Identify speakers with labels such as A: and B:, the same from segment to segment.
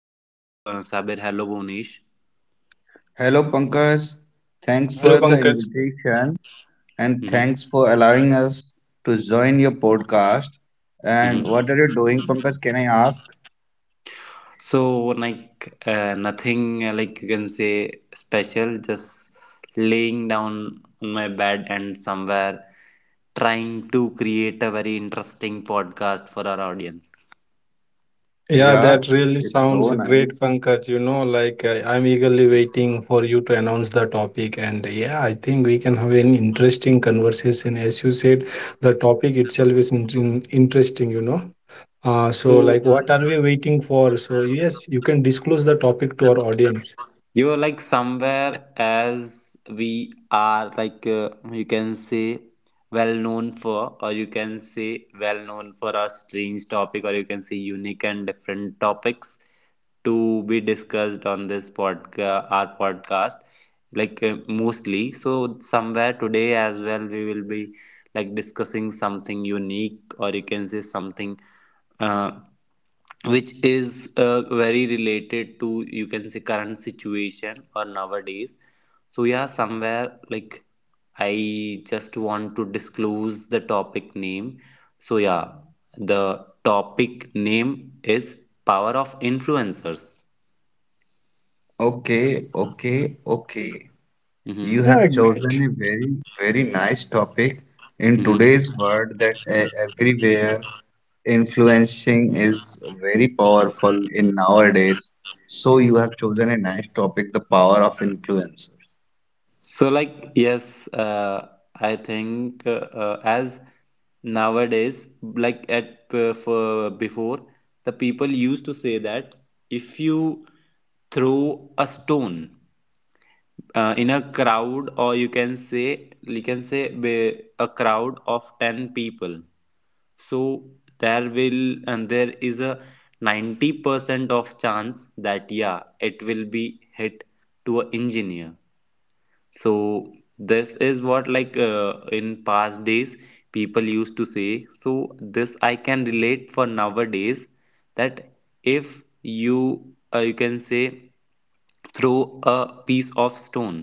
A: Hello, Sabir, hello, Bonish.
B: Hello, Pankaj. Thanks
C: Hello,
B: for the
C: Pankaj.
B: invitation and
A: hmm
B: thanks for allowing us to join your podcast.
A: hmm
B: And what are you doing, Pankaj? Can I ask?
A: Nothing like you can say special, just laying down on my bed and somewhere trying to create a very interesting podcast for our audience.
C: Yeah,
B: Yeah,
C: that really
B: it's so
C: sounds
B: nice.
C: great, Pankaj. You know, I'm eagerly waiting for you to announce the topic. And yeah, I think we can have an interesting conversation. As you said, the topic itself is interesting, you know. Like,
A: So,
C: what are we waiting for? So, yes, you can disclose the topic to our audience.
A: you are like somewhere as we are like you can say well known for our strange topic or you can say unique and different topics to be discussed on this podcast our podcast like mostly. So somewhere today as well we will be like discussing something unique or you can say something uh, which is very related to you can say current situation or nowadays. So yeah, somewhere like I just want to disclose the topic name. So yeah, the topic name is power of influencers.
B: Okay, okay, okay. You
A: Mm-hmm.
C: Yeah,
B: have chosen
C: great.
B: a very, very nice topic in
A: Mm-hmm.
B: today's world that everywhere influencing is very powerful in nowadays. So you have chosen a nice topic, the power of influence.
A: So, like, yes, uh, I think as nowadays, like at for before, the people used to say that if you throw a stone in a crowd, or you can say a crowd of ten people, so there will and there is a 90% of chance that yeah, it will be hit to a engineer. So this is what like in past days people used to say. So this I can relate for nowadays, that if you you can say throw a piece of stone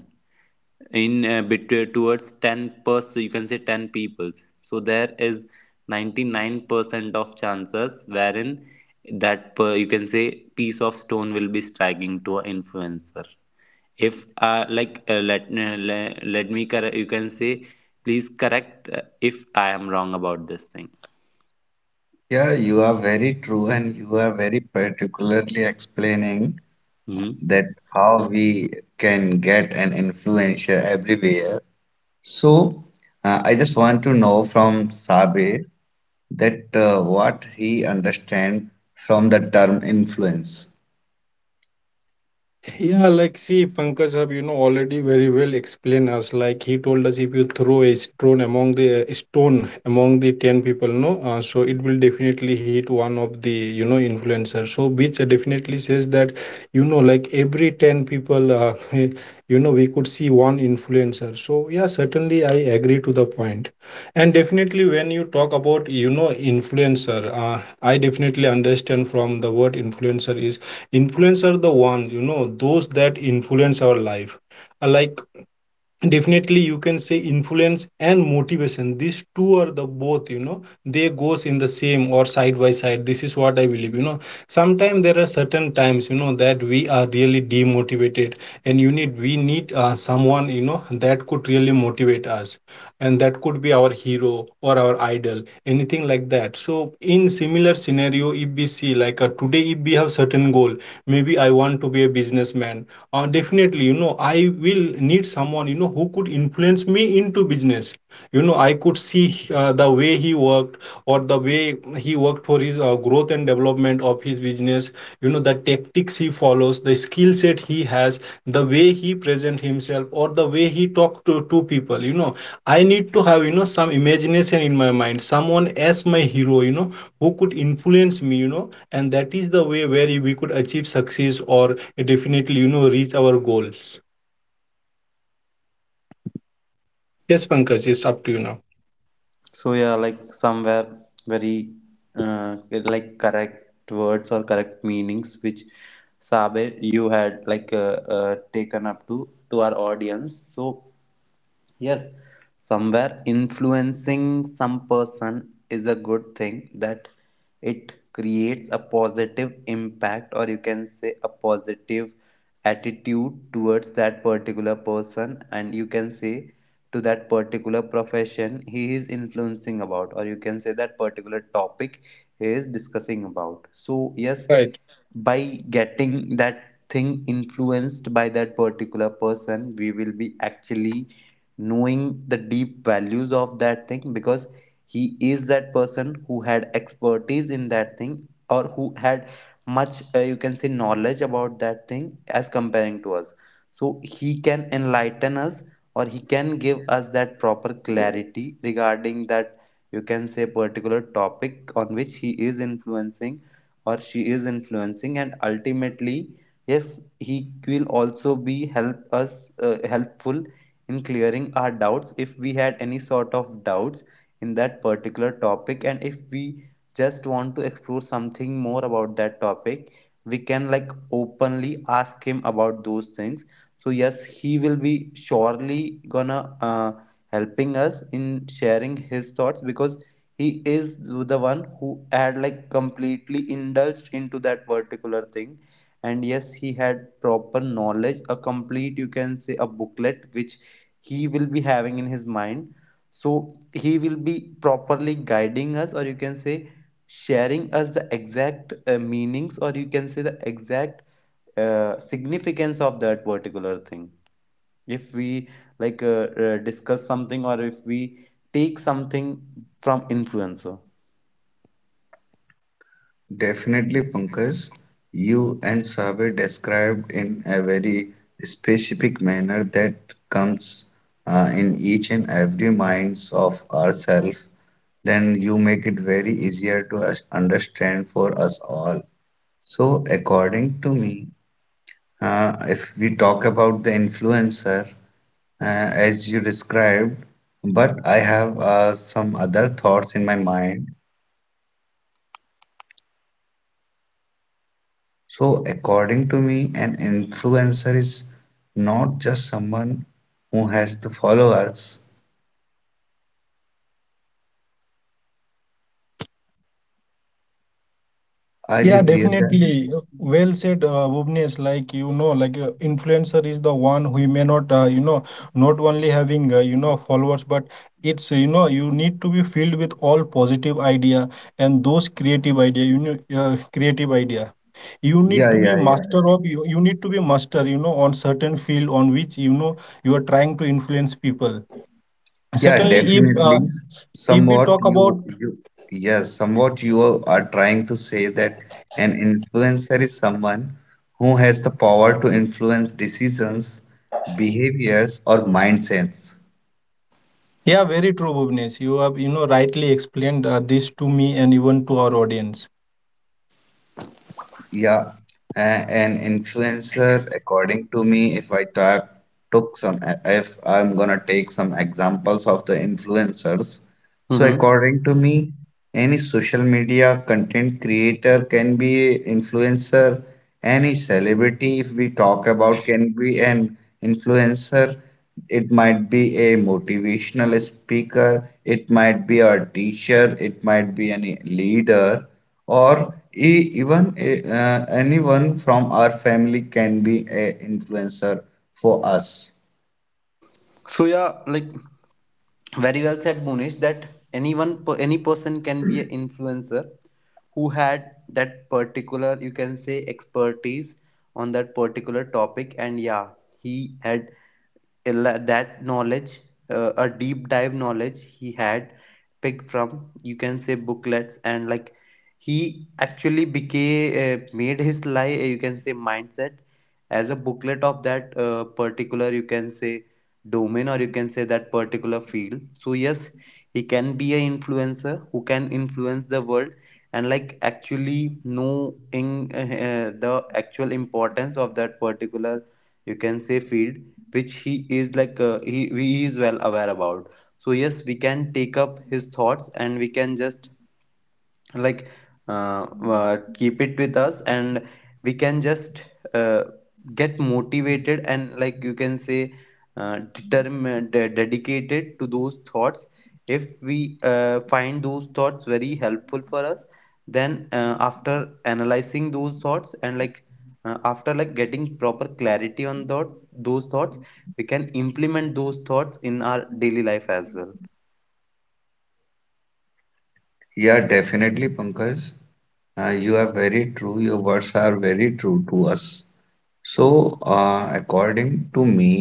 A: in towards 10 person, you can say 10 peoples, so there is 99% of chances wherein that you can say piece of stone will be striking to an influencer. If let me correct, you can say please correct if I am wrong about this thing.
B: Yeah, you are very true, and you are very particularly explaining
A: hmm
B: that how we can get an influencer everywhere. So, I just want to know from Sabe that what he understand from the term influence.
C: Yeah, like see, Pankaj have you know already very well explained us. Like he told us, if you throw a stone among the ten people, no, so it will definitely hit one of the you know influencer. So which definitely says that you know like every ten people, you know we could see one influencer. So yeah, certainly I agree to the point. And definitely when you talk about you know influencer, I definitely understand from the word influencer is influence are the ones you know those that influence our life. Like definitely you can say influence and motivation, these two are the both, you know, they goes in the same or side by side. This is what I believe, you know, sometimes there are certain times, you know, that we are really demotivated and you need we need someone, you know, that could really motivate us, and that could be our hero or our idol, anything like that. So in similar scenario, if we see like today, if we have certain goal, maybe I want to be a businessman, definitely you know I will need someone, you know, who could influence me into business. You know, I could see the way he worked, or the way he worked for his growth and development of his business, you know, the tactics he follows, the skill set he has, the way he present himself, or the way he talk to people. You know, I need to have, you know, some imagination in my mind, someone as my hero, you know, who could influence me, you know, and that is the way where we could achieve success or definitely you know reach our goals. Yes Pankaj, it's up to you now.
A: So yeah, like somewhere very uh, like correct words or correct meanings which Sabe you had taken up to our audience. So yes, somewhere influencing some person is a good thing, that it creates a positive impact, or you can say a positive attitude towards that particular person, and you can say to that particular profession he is influencing about, or you can say that particular topic he is discussing about. So yes,
C: Right.
A: by getting that thing influenced by that particular person, we will be actually knowing the deep values of that thing, because he is that person who had expertise in that thing, or who had much you can say knowledge about that thing as comparing to us. So he can enlighten us, or he can give us that proper clarity regarding that you can say particular topic on which he is influencing or she is influencing. And ultimately, yes, he will also be help us helpful in clearing our doubts if we had any sort of doubts in that particular topic, and if we just want to explore something more about that topic, we can like openly ask him about those things. So yes, he will be surely gonna helping us in sharing his thoughts, because he is the one who had like completely indulged into that particular thing, and yes, he had proper knowledge, a complete you can say a booklet which he will be having in his mind. So he will be properly guiding us, or you can say sharing us the exact meanings, or you can say the exact significance of that particular thing, if we like discuss something, or if we take something from influencer.
B: Definitely, Pankaj, you and Sabe described in a very specific manner that comes in each and every minds of ourselves. Then you make it very easier to understand for us all. So, according to me, if we talk about the influencer, uh, as you described, but I have some other thoughts in my mind. So, according to me, an influencer is not just someone who has the followers. Are
C: Yeah,
B: you there, guys?
C: definitely. Well said, Bhuvnesh. Like you know, influencer is the one who may not, you know, not only having you know followers, but it's you know you need to be filled with all positive idea and those creative idea. You know, creative idea. You need to
B: Yeah,
C: be
B: yeah,
C: master
B: yeah.
C: of you. You need to be master. You know, on certain field on which you know you are trying to influence people.
B: Yeah,
C: Certainly, if uh,
B: definitely.
C: if we
B: Somewhat
C: talk about
B: yes, somewhat you are trying to say that an influencer is someone who has the power to influence decisions, behaviors, or mindsets.
C: Yeah, very true, Bhuvnesh. You have, you know, rightly explained this to me and even to our audience.
B: Yeah, an influencer, according to me, if I ta took some, if I'm gonna take some examples of the influencers, so
A: Mm-hmm.
B: according to me, any social media content creator can be influencer, any celebrity, if we talk about, can be an influencer. It might be a motivational speaker, it might be a teacher, it might be any leader or even anyone from our family can be a influencer for us.
A: So yeah, like very well said Bonish, that anyone, any person can be an influencer who had that particular you can say expertise on that particular topic. And yeah, he had that knowledge, a deep dive knowledge he had picked from you can say booklets, and like he actually became made his life you can say mindset as a booklet of that particular you can say domain, or you can say that particular field. So yes, he can be an influencer who can influence the world, and like actually know in the actual importance of that particular you can say field which he is like he is well aware about. So yes, we can take up his thoughts, and we can just like keep it with us, and we can just uh, get motivated, and like you can say determined, dedicated to those thoughts. If we find those thoughts very helpful for us, then after analyzing those thoughts, and like after like getting proper clarity on thought those thoughts, we can implement those thoughts in our daily life as
B: Yeah, definitely, Pankaj. You are very true, your words are very true to us. So, according to me,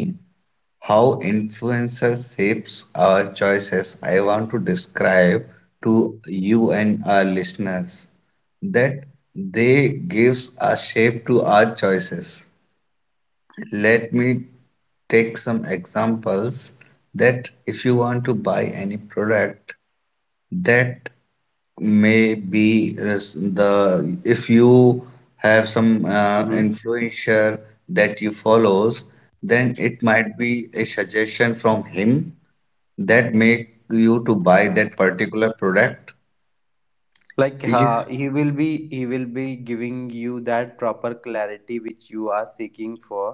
B: how influencer shapes our choices, I want to describe to you and our listeners that they gives a shape to our choices. Let me take some examples that if you want to buy any product that may be is the if you have some
A: well.
B: influencer that you follows, then it might be a suggestion from him that make you to buy that particular product.
A: Like
B: If
A: he will be giving you that proper clarity which you are seeking for,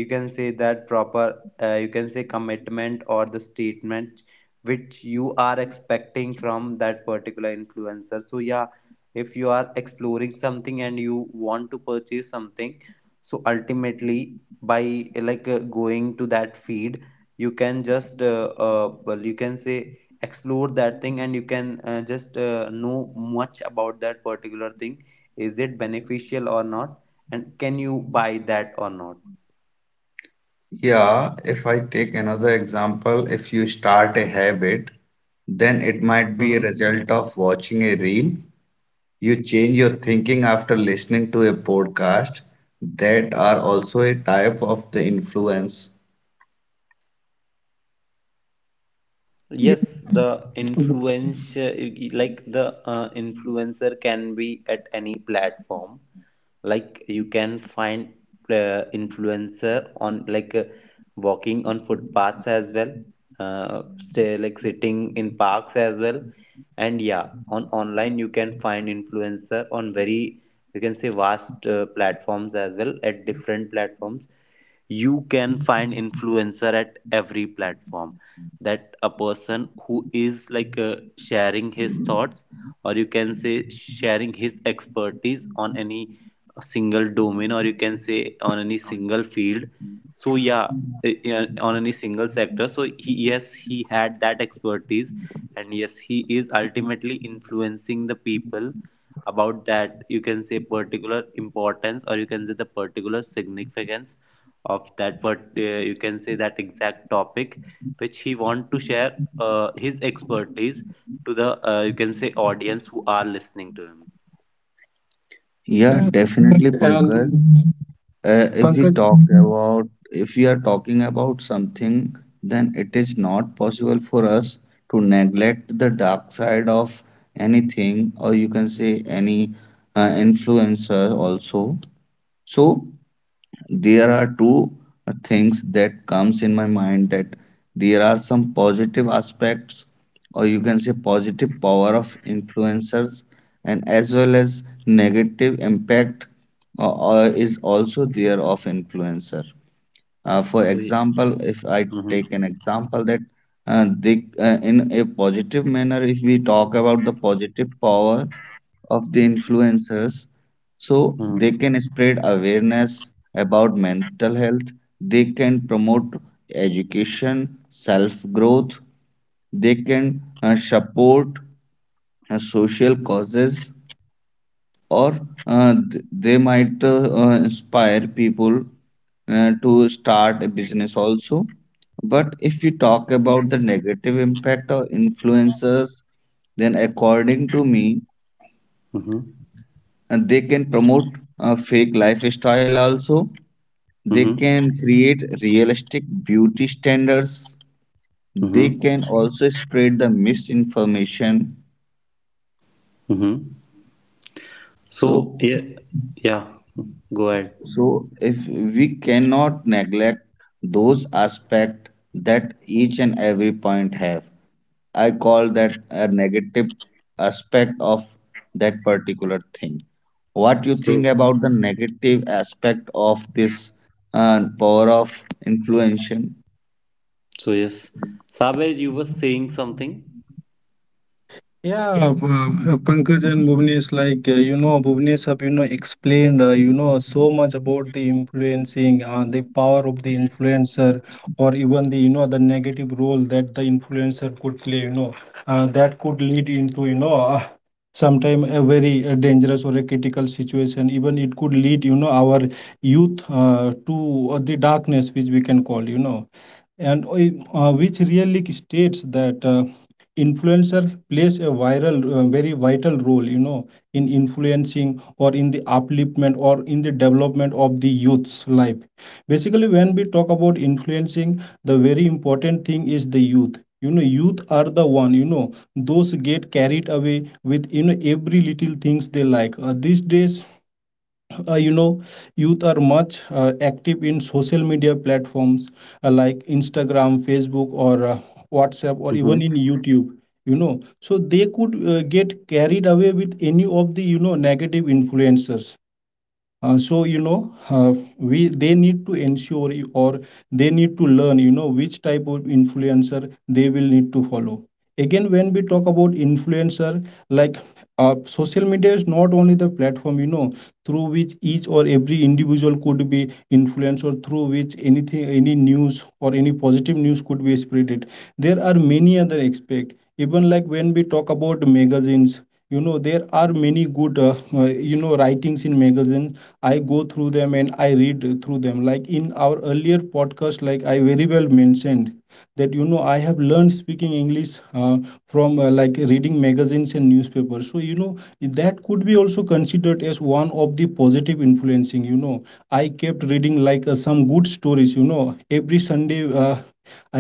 A: you can say that proper you can say commitment or the statement which you are expecting from that particular influencer. So yeah, if you are exploring something and you want to purchase something, so ultimately, by going to that feed, you can just well you can say explore that thing, and you can just know much about that particular thing, is it beneficial or not, and can you buy that or not.
B: Yeah, if I take another example, if you start a habit, then it might be a
A: Mhm.
B: result of watching a reel. You change your thinking after listening to a podcast that are also a type of the influence.
C: Yeah,
A: Yes, the influence, like the influencer can be at any platform. Like you can find influencer on like walking on footpaths as well, stay like sitting in parks as well. And yeah, on online you can find influencer on very you can say vast platforms as well, at different platforms. You can find influencer at every platform, that a person who is like sharing his thoughts, or you can say sharing his expertise on any single domain, or you can say on any single field. So yeah, yeah, on any single sector, so yes he had that expertise, and yes he is ultimately influencing the people about that you can say particular importance, or you can say the particular significance of that part. You can say that exact topic which he want to share his expertise to the you can say audience who are listening to him.
B: Yeah, definitely, Pankaj.
C: and
B: If we
C: Pankaj,
B: talk about, if we are talking about something, then it is not possible for us to neglect the dark side of anything, or you can say any influencer also. So there are two things that comes in my mind that there are some positive aspects or you can say positive power of influencers and as well as negative impact is also there of influencer. For
A: So yeah.
B: example, if I
A: hmm
B: take an example that in a positive manner, if we talk about the positive power of the influencers, so they
A: hmm
B: can spread awareness about mental health, they can promote education, self growth, they can support social causes, or they might inspire people to start a business also. But if you talk about the negative impact of influencers, then according to me,
A: hmm
B: they can promote a fake lifestyle also. They
A: hmm
B: can create realistic beauty standards. They
A: hmm
B: can also spread the misinformation.
A: hmm
B: So,
A: so yeah, yeah, go ahead.
B: so if we cannot neglect those aspects that each and every point have, I call that a negative aspect of that particular thing. What you
A: so
B: think about the negative aspect of this power of influential?
A: so yes, Sabe, you were saying something.
C: Yeah, Pankaj and Bhuvnesh, you know, Bhuvnesh have you know explained you know so much about the influencing, the power of the influencer, or even the you know the negative role that the influencer could play. You know, that could lead into you know sometime a very dangerous or a critical situation. Even it could lead you know our youth to the darkness, which we can call you know, and which really states that. Influencer plays a viral very vital role, you know, in influencing or in the upliftment or in the development of the youth's life. Basically when we talk about influencing, the very important thing is the youth. You know, youth are the one, you know, those get carried away with you know every little things they like. These days you know, youth are much active in social media platforms like Instagram, Facebook, or WhatsApp, or even
A: hmm
C: in YouTube, you know. So they could get carried away with any of the you know negative influencers. So you know, we they need to ensure or they need to learn you know which type of influencer they will need to follow. Again when we talk about influencer, like social media is not only the platform, you know, through which each or every individual could be influenced, or through which anything, any news or any positive news could be spreaded. There are many other aspects. Even like when we talk about magazines, you know, there are many good you know writings in magazine. I go through them and I read through them. Like in our earlier podcast, like I very well mentioned that, you know, I have learned speaking English from like reading magazines and newspapers. So you know that could be also considered as one of the positive influencing. You know, I kept reading like some good stories, you know, every Sunday.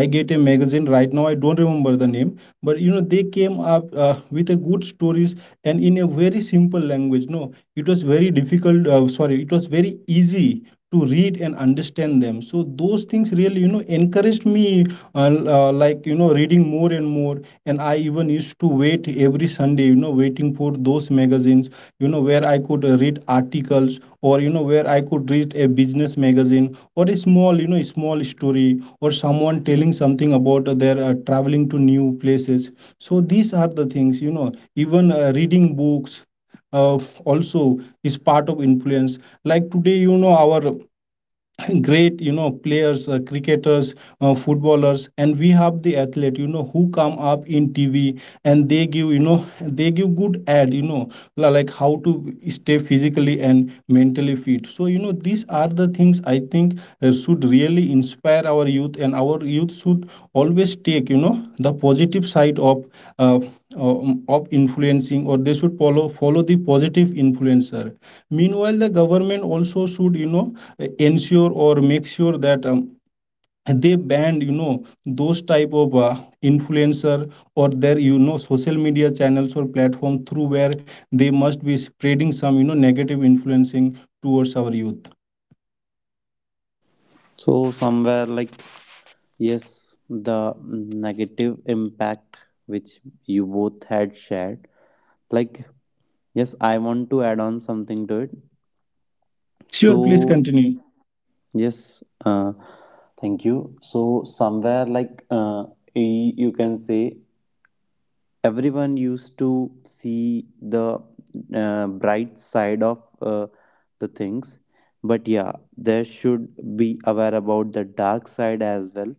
C: I get a magazine right now. I don't remember the name, but you know they came up with a good stories and in a very simple language. No, it was very difficult, sorry, it was very easy to read and understand them. So those things really you know encouraged me like you know reading more and more. And I even used to wait every Sunday, you know, waiting for those magazines, you know, where I could read articles, or you know where I could read a business magazine or a small, you know, a small story, or someone telling something about their traveling to new places. So these are the things, you know, even reading books uh, also is part of influence. Like today, you know, our great you know players, cricketers, footballers, and we have the athlete, you know, who come up in TV and they give, you know, they give good ad, you know, like how to stay physically and mentally fit. So you know these are the things I think should really inspire our youth, and our youth should always take you know the positive side uh, of influencing, or they should follow the positive influencer. Meanwhile, the government also should, you know, ensure or make sure that they ban, you know, those type of influencer or their, you know, social media channels or platform through where they must be spreading some, you know, negative influencing towards our youth.
A: so somewhere like, yes, the negative impact which you both had shared, like yes, I want to add on something to it.
C: Sure, please
A: So
C: continue.
A: yes, thank you. So somewhere like you can say everyone used to see the bright side of the things, but yeah, there should be aware about the dark side as well,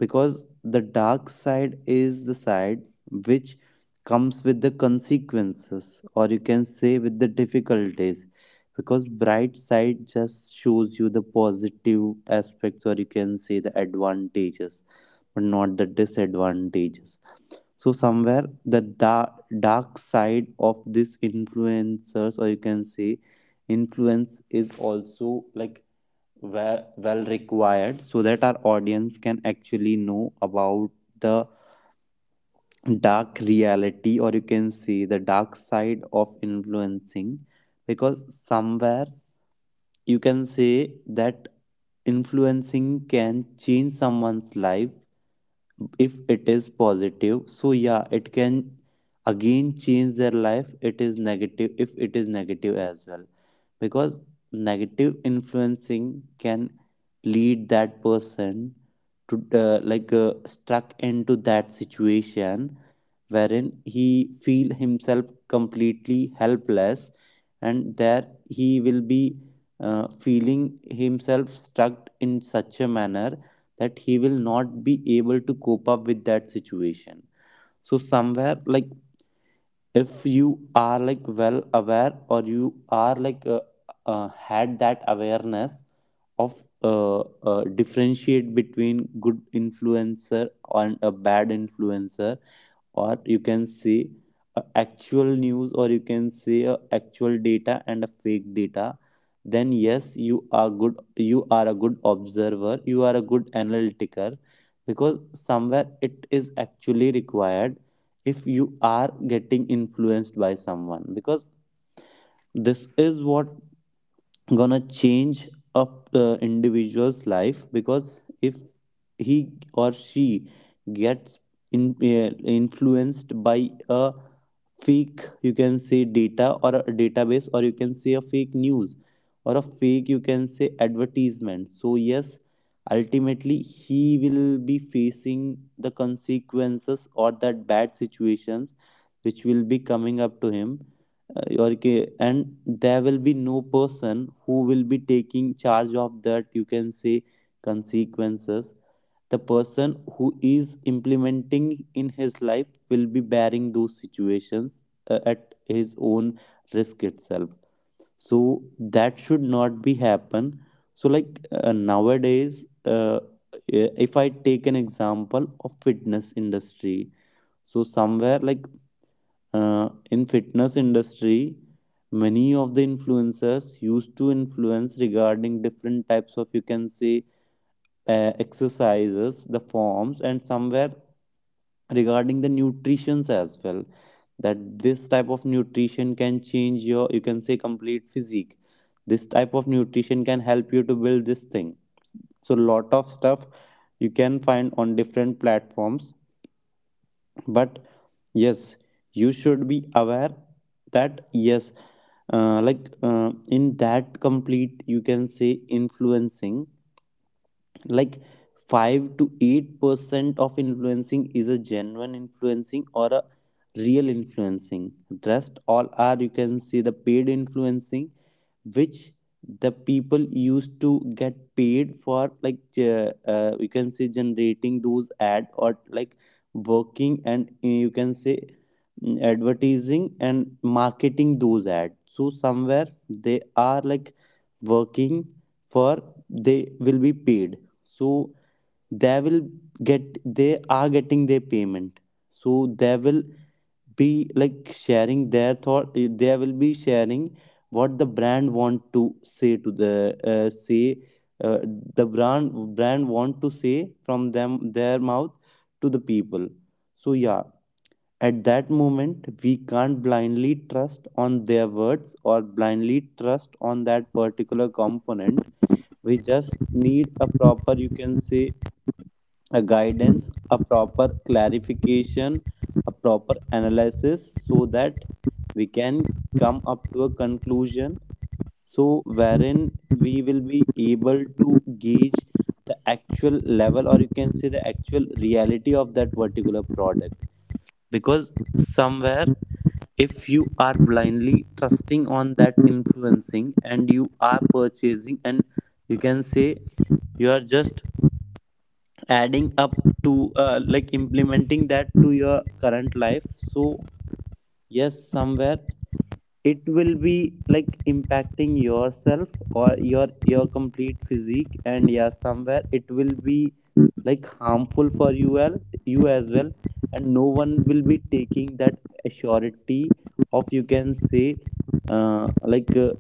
A: because the dark side is the side which comes with the consequences, or you can say with the difficulties, because bright side just shows you the positive aspects, or you can say the advantages, but not the disadvantages. So somewhere the dark side of this influencers, or you can say influence, is also like well, well required, so that our audience can actually know about the dark reality, or you can see the dark side of influencing. Because somewhere you can say that influencing can change someone's life. If it is positive, so yeah, it can again change their life. It is negative, if it is negative as well, because negative influencing can lead that person to stuck into that situation wherein he feel himself completely helpless, and there he will be feeling himself stuck in such a manner that he will not be able to cope up with that situation. So somewhere like, if you are like well aware, or you are like had that awareness of uh, differentiate between good influencer and a bad influencer, or you can say a actual news, or you can say a actual data and a fake data, then yes, you are good, you are a good observer, you are a good analytiker, because somewhere it is actually required. If you are getting influenced by someone, because this is what gonna change up the individual's life, because if he or she gets in, uh, influenced by a fake you can say data, or a database, or you can say a fake news, or a fake you can say advertisement, so yes, ultimately he will be facing the consequences, or that bad situations which will be coming up to him. Okay, and there will be no person who will be taking charge of that you can say consequences. The person who is implementing in his life will be bearing those situations at his own risk itself. So that should not be happen. So like nowadays, if I take an example of fitness industry, so somewhere like in fitness industry, many of the influencers used to influence regarding different types of you can say exercises, the forms, and somewhere regarding the Nutritions as well, that this type of nutrition can change your you can say complete physique, this type of nutrition can help you to build this thing. So lot of stuff you can find on different platforms, but yes, you should be aware that yes, in that complete you can say influencing, like 5 to 8% of influencing is a genuine influencing or a real influencing. Rest all are you can see the paid influencing, which the people used to get paid for, like you can say generating those ad, or like working and you can say advertising and marketing those ads. So somewhere they are like working for, they will be paid. So they will get they are getting their payment. So they will be like sharing their thought, they will be sharing what the brand want to say to the say uh, the brand want to say from them, their mouth, to the people. So yeah, at that moment we can't blindly trust on their words or blindly trust on that particular component. We just need a proper you can say a guidance, a proper clarification, a proper analysis so that we can come up to a conclusion. So, wherein we will be able to gauge the actual level or you can say the actual reality of that particular product. Because somewhere, if you are blindly trusting on that influencing and you are purchasing, and you can say you are just adding up to like implementing that to your current life, so yes, somewhere it will be like impacting yourself or your complete physique. And yeah, somewhere it will be like harmful for you, well, you as well, and no one will be taking that assurity of you can say uh, like uh,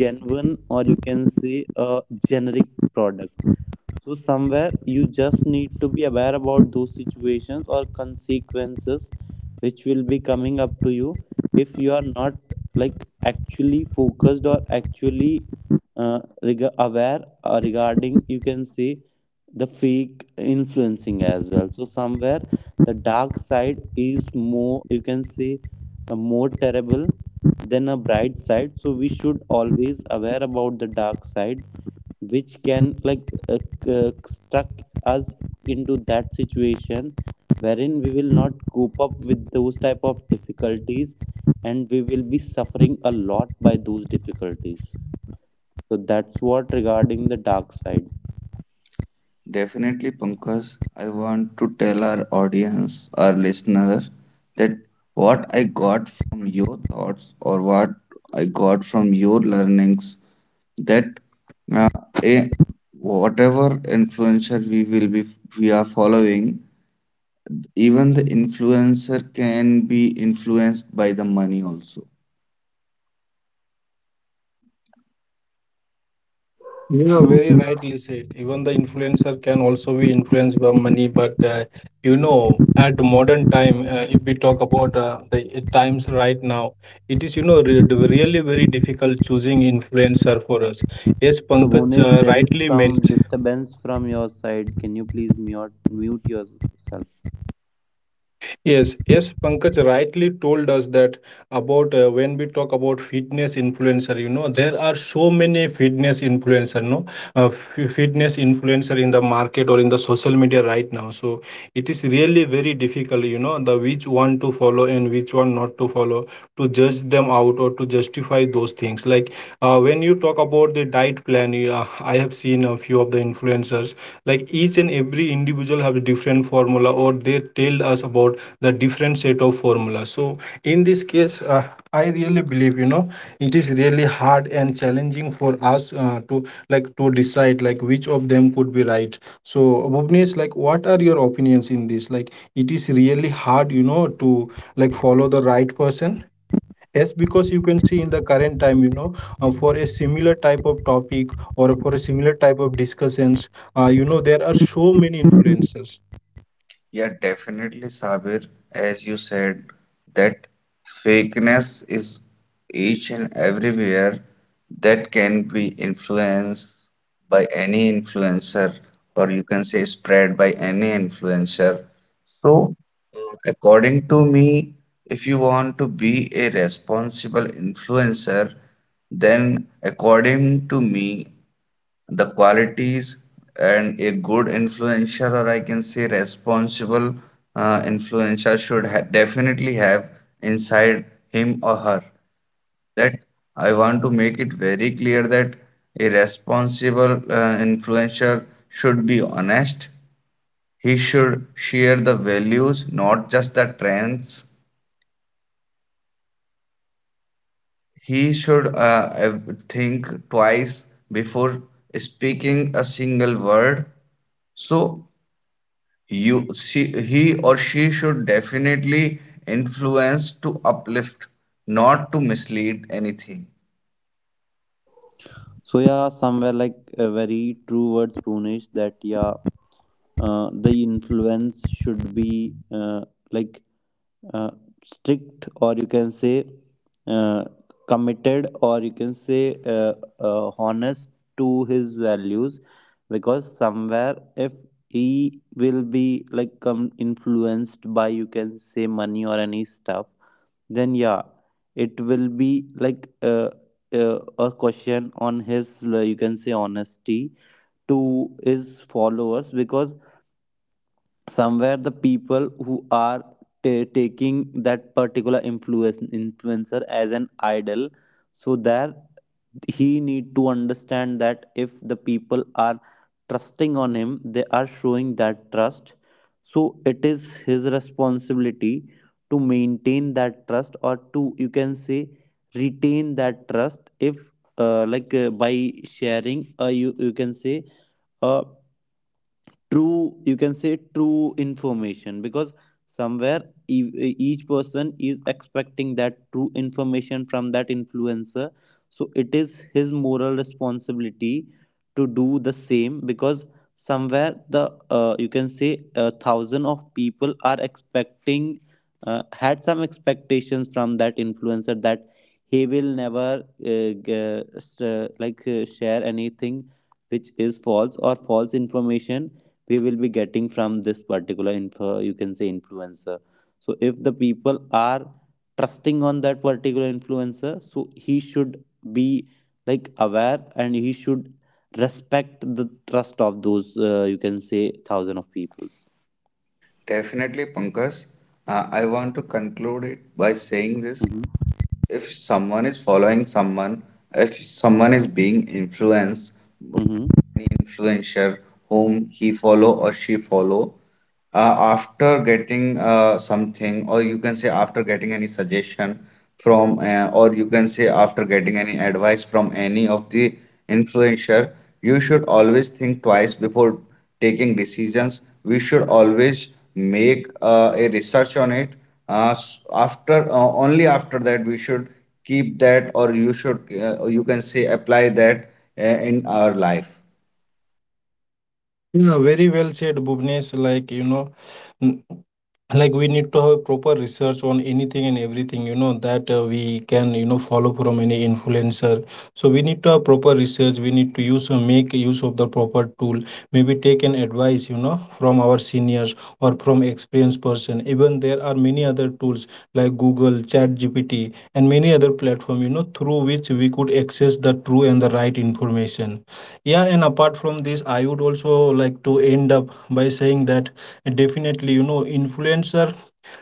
A: genuine or you can say a generic product. So somewhere you just need to be aware about those situations or consequences which will be coming up to you if you are not like actually focused or actually aware regarding you can say the fake influencing as well. So somewhere the dark side is more you can say more terrible than a bright side. So we should always aware about the dark side which can struck us into that situation wherein we will not cope up with those type of difficulties, and we will be suffering a lot by those difficulties. So that's what regarding the dark side.
B: Definitely, Pankaj, I want to tell our audience, our listeners, that what I got from your thoughts or what I got from your learnings that uh, a, whatever influencer we will be we are following, even the influencer can be influenced by the money also.
C: You are very
A: So
C: rightly said. Even the influencer can also be influenced by money, but you know, at modern time, if we talk about the times right now, it is you know re really very difficult choosing influencer for us. Yes,
A: so
C: Pankaj
A: Bhunesh, there is
C: rightly
A: some
C: mentioned.
A: disturbance from your side, can you please mute yourself?
C: Yes, yes, Pankaj rightly told us that about when we talk about fitness influencer. You know, there are so many fitness influencer. No, uh, fitness influencer in the market or in the social media right now. So it is really very difficult, you know, the which one to follow and which one not to follow, to judge them out or to justify those things. Like when you talk about the diet plan, I have seen a few of the influencers, like each and every individual have a different formula, or they tell us about the different set of formula. So in this case I really believe, you know, it is really hard and challenging for us to like to decide like which of them could be right. So Bhuvnesh, like what are your opinions in this? Like it is really hard, you know, to like follow the right person. Yes, because you can see in the current time, you know, for a similar type of topic or for a similar type of discussions, you know there are so many influencers.
B: Yeah, definitely, Sabir. As you said, that fakeness is each and everywhere that can be influenced by any influencer, or you can say spread by any influencer. So, according to me, if you want to be a responsible influencer, then according to me, the qualities and a good influencer or I can say responsible influencer should definitely have inside him or her, that I want to make it very clear that a responsible influencer should be honest, he should share the values not just the trends, he should think twice before speaking a single word. So you she, he or she should definitely influence to uplift, not to mislead anything.
A: So yeah, somewhere like a very true words, Punesh, that yeah, the influence should be like uh, strict, or you can say uh, committed, or you can say honest to his values, because somewhere if he will be like influenced by you can say money or any stuff, then yeah, it will be like a question on his, you can say, honesty to his followers, because somewhere the people who are taking that particular influencer as an idol. So that he need to understand that if the people are trusting on him, they are showing that trust, so it is his responsibility to maintain that trust or to you can say retain that trust, if by sharing you can say a true you can say true information, because somewhere each person is expecting that true information from that influencer. So it is his moral responsibility to do the same, because somewhere the you can say a thousand of people are expecting, had some expectations from that influencer, that he will never share anything which is false or false information we will be getting from this particular info you can say influencer. So if the people are trusting on that particular influencer, so he should be like aware and he should respect the trust of those you can say thousand of people.
B: Definitely, Pankaj, I want to conclude it by saying this,
A: Mm-hmm.
B: if someone is following someone, if someone is being influenced
A: Mm-hmm.
B: influencer whom he follow or she follow, after getting something or you can say after getting any suggestion from or you can say after getting any advice from any of the influencer, you should always think twice before taking decisions, we should always make a research on it. S- after Only after that we should keep that or you should you can say apply that uh, in our life.
C: Yeah, very well said, Bhuvnesh. Like, you know, n- like we need to have proper research on anything and everything, you know, that we can, you know, follow from any influencer. So we need to have proper research. We need to use, make use of the proper tool. Maybe take an advice, you know, from our seniors or from experienced person. Even there are many other tools like Google, Chat GPT, and many other platform, you know, through which we could access the true and the right information. Yeah, and apart from this, I would also like to end up by saying that definitely, you know, influencer,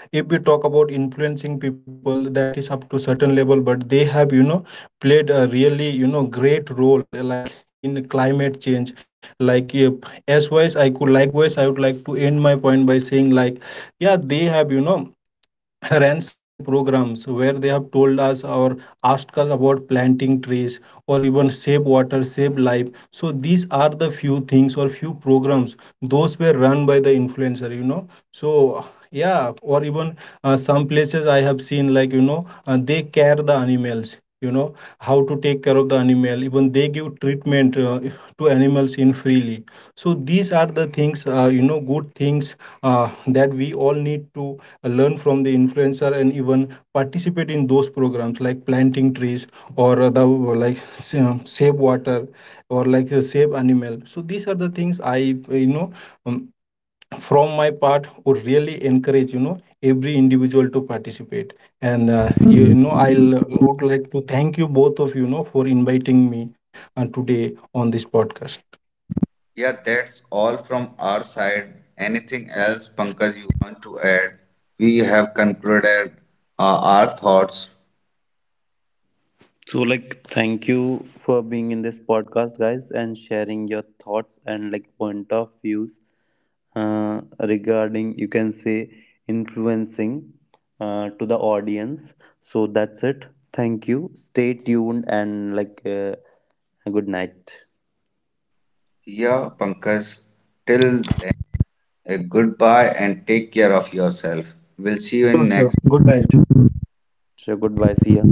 C: if we talk about influencing people, that is up to certain level, but they have, you know, played a really, you know, great role like in climate change. Like if, as wise I could likewise I would like to end my point by saying like, yeah, they have, you know, ran certain programs where they have told us or asked us about planting trees, or even save water, save life. So these are the few things or few programs those were run by the influencer, you know. So yeah, or even some places I have seen, like you know, they care the animals, you know, how to take care of the animal. Even they give treatment to animals in freely. So these are the things, you know, good things uh, that we all need to learn from the influencer and even participate in those programs like planting trees or the like save water or like save animal. So these are the things I, you know, um, from my part would really encourage, you know, every individual to participate. And you, you know I'll would like to thank you both of you, you know, for inviting me today on this podcast.
B: Yeah, that's all from our side. Anything else, Pankaj, you want to add? We have concluded our thoughts.
A: So, like, thank you for being in this podcast, guys, and sharing your thoughts and like point of views regarding you can say influencing to the audience. So that's it. Thank you. Stay tuned and good night.
B: Yeah, Pankaj, till then, a goodbye and take care of yourself. We'll see you in next.
A: So goodbye. See ya.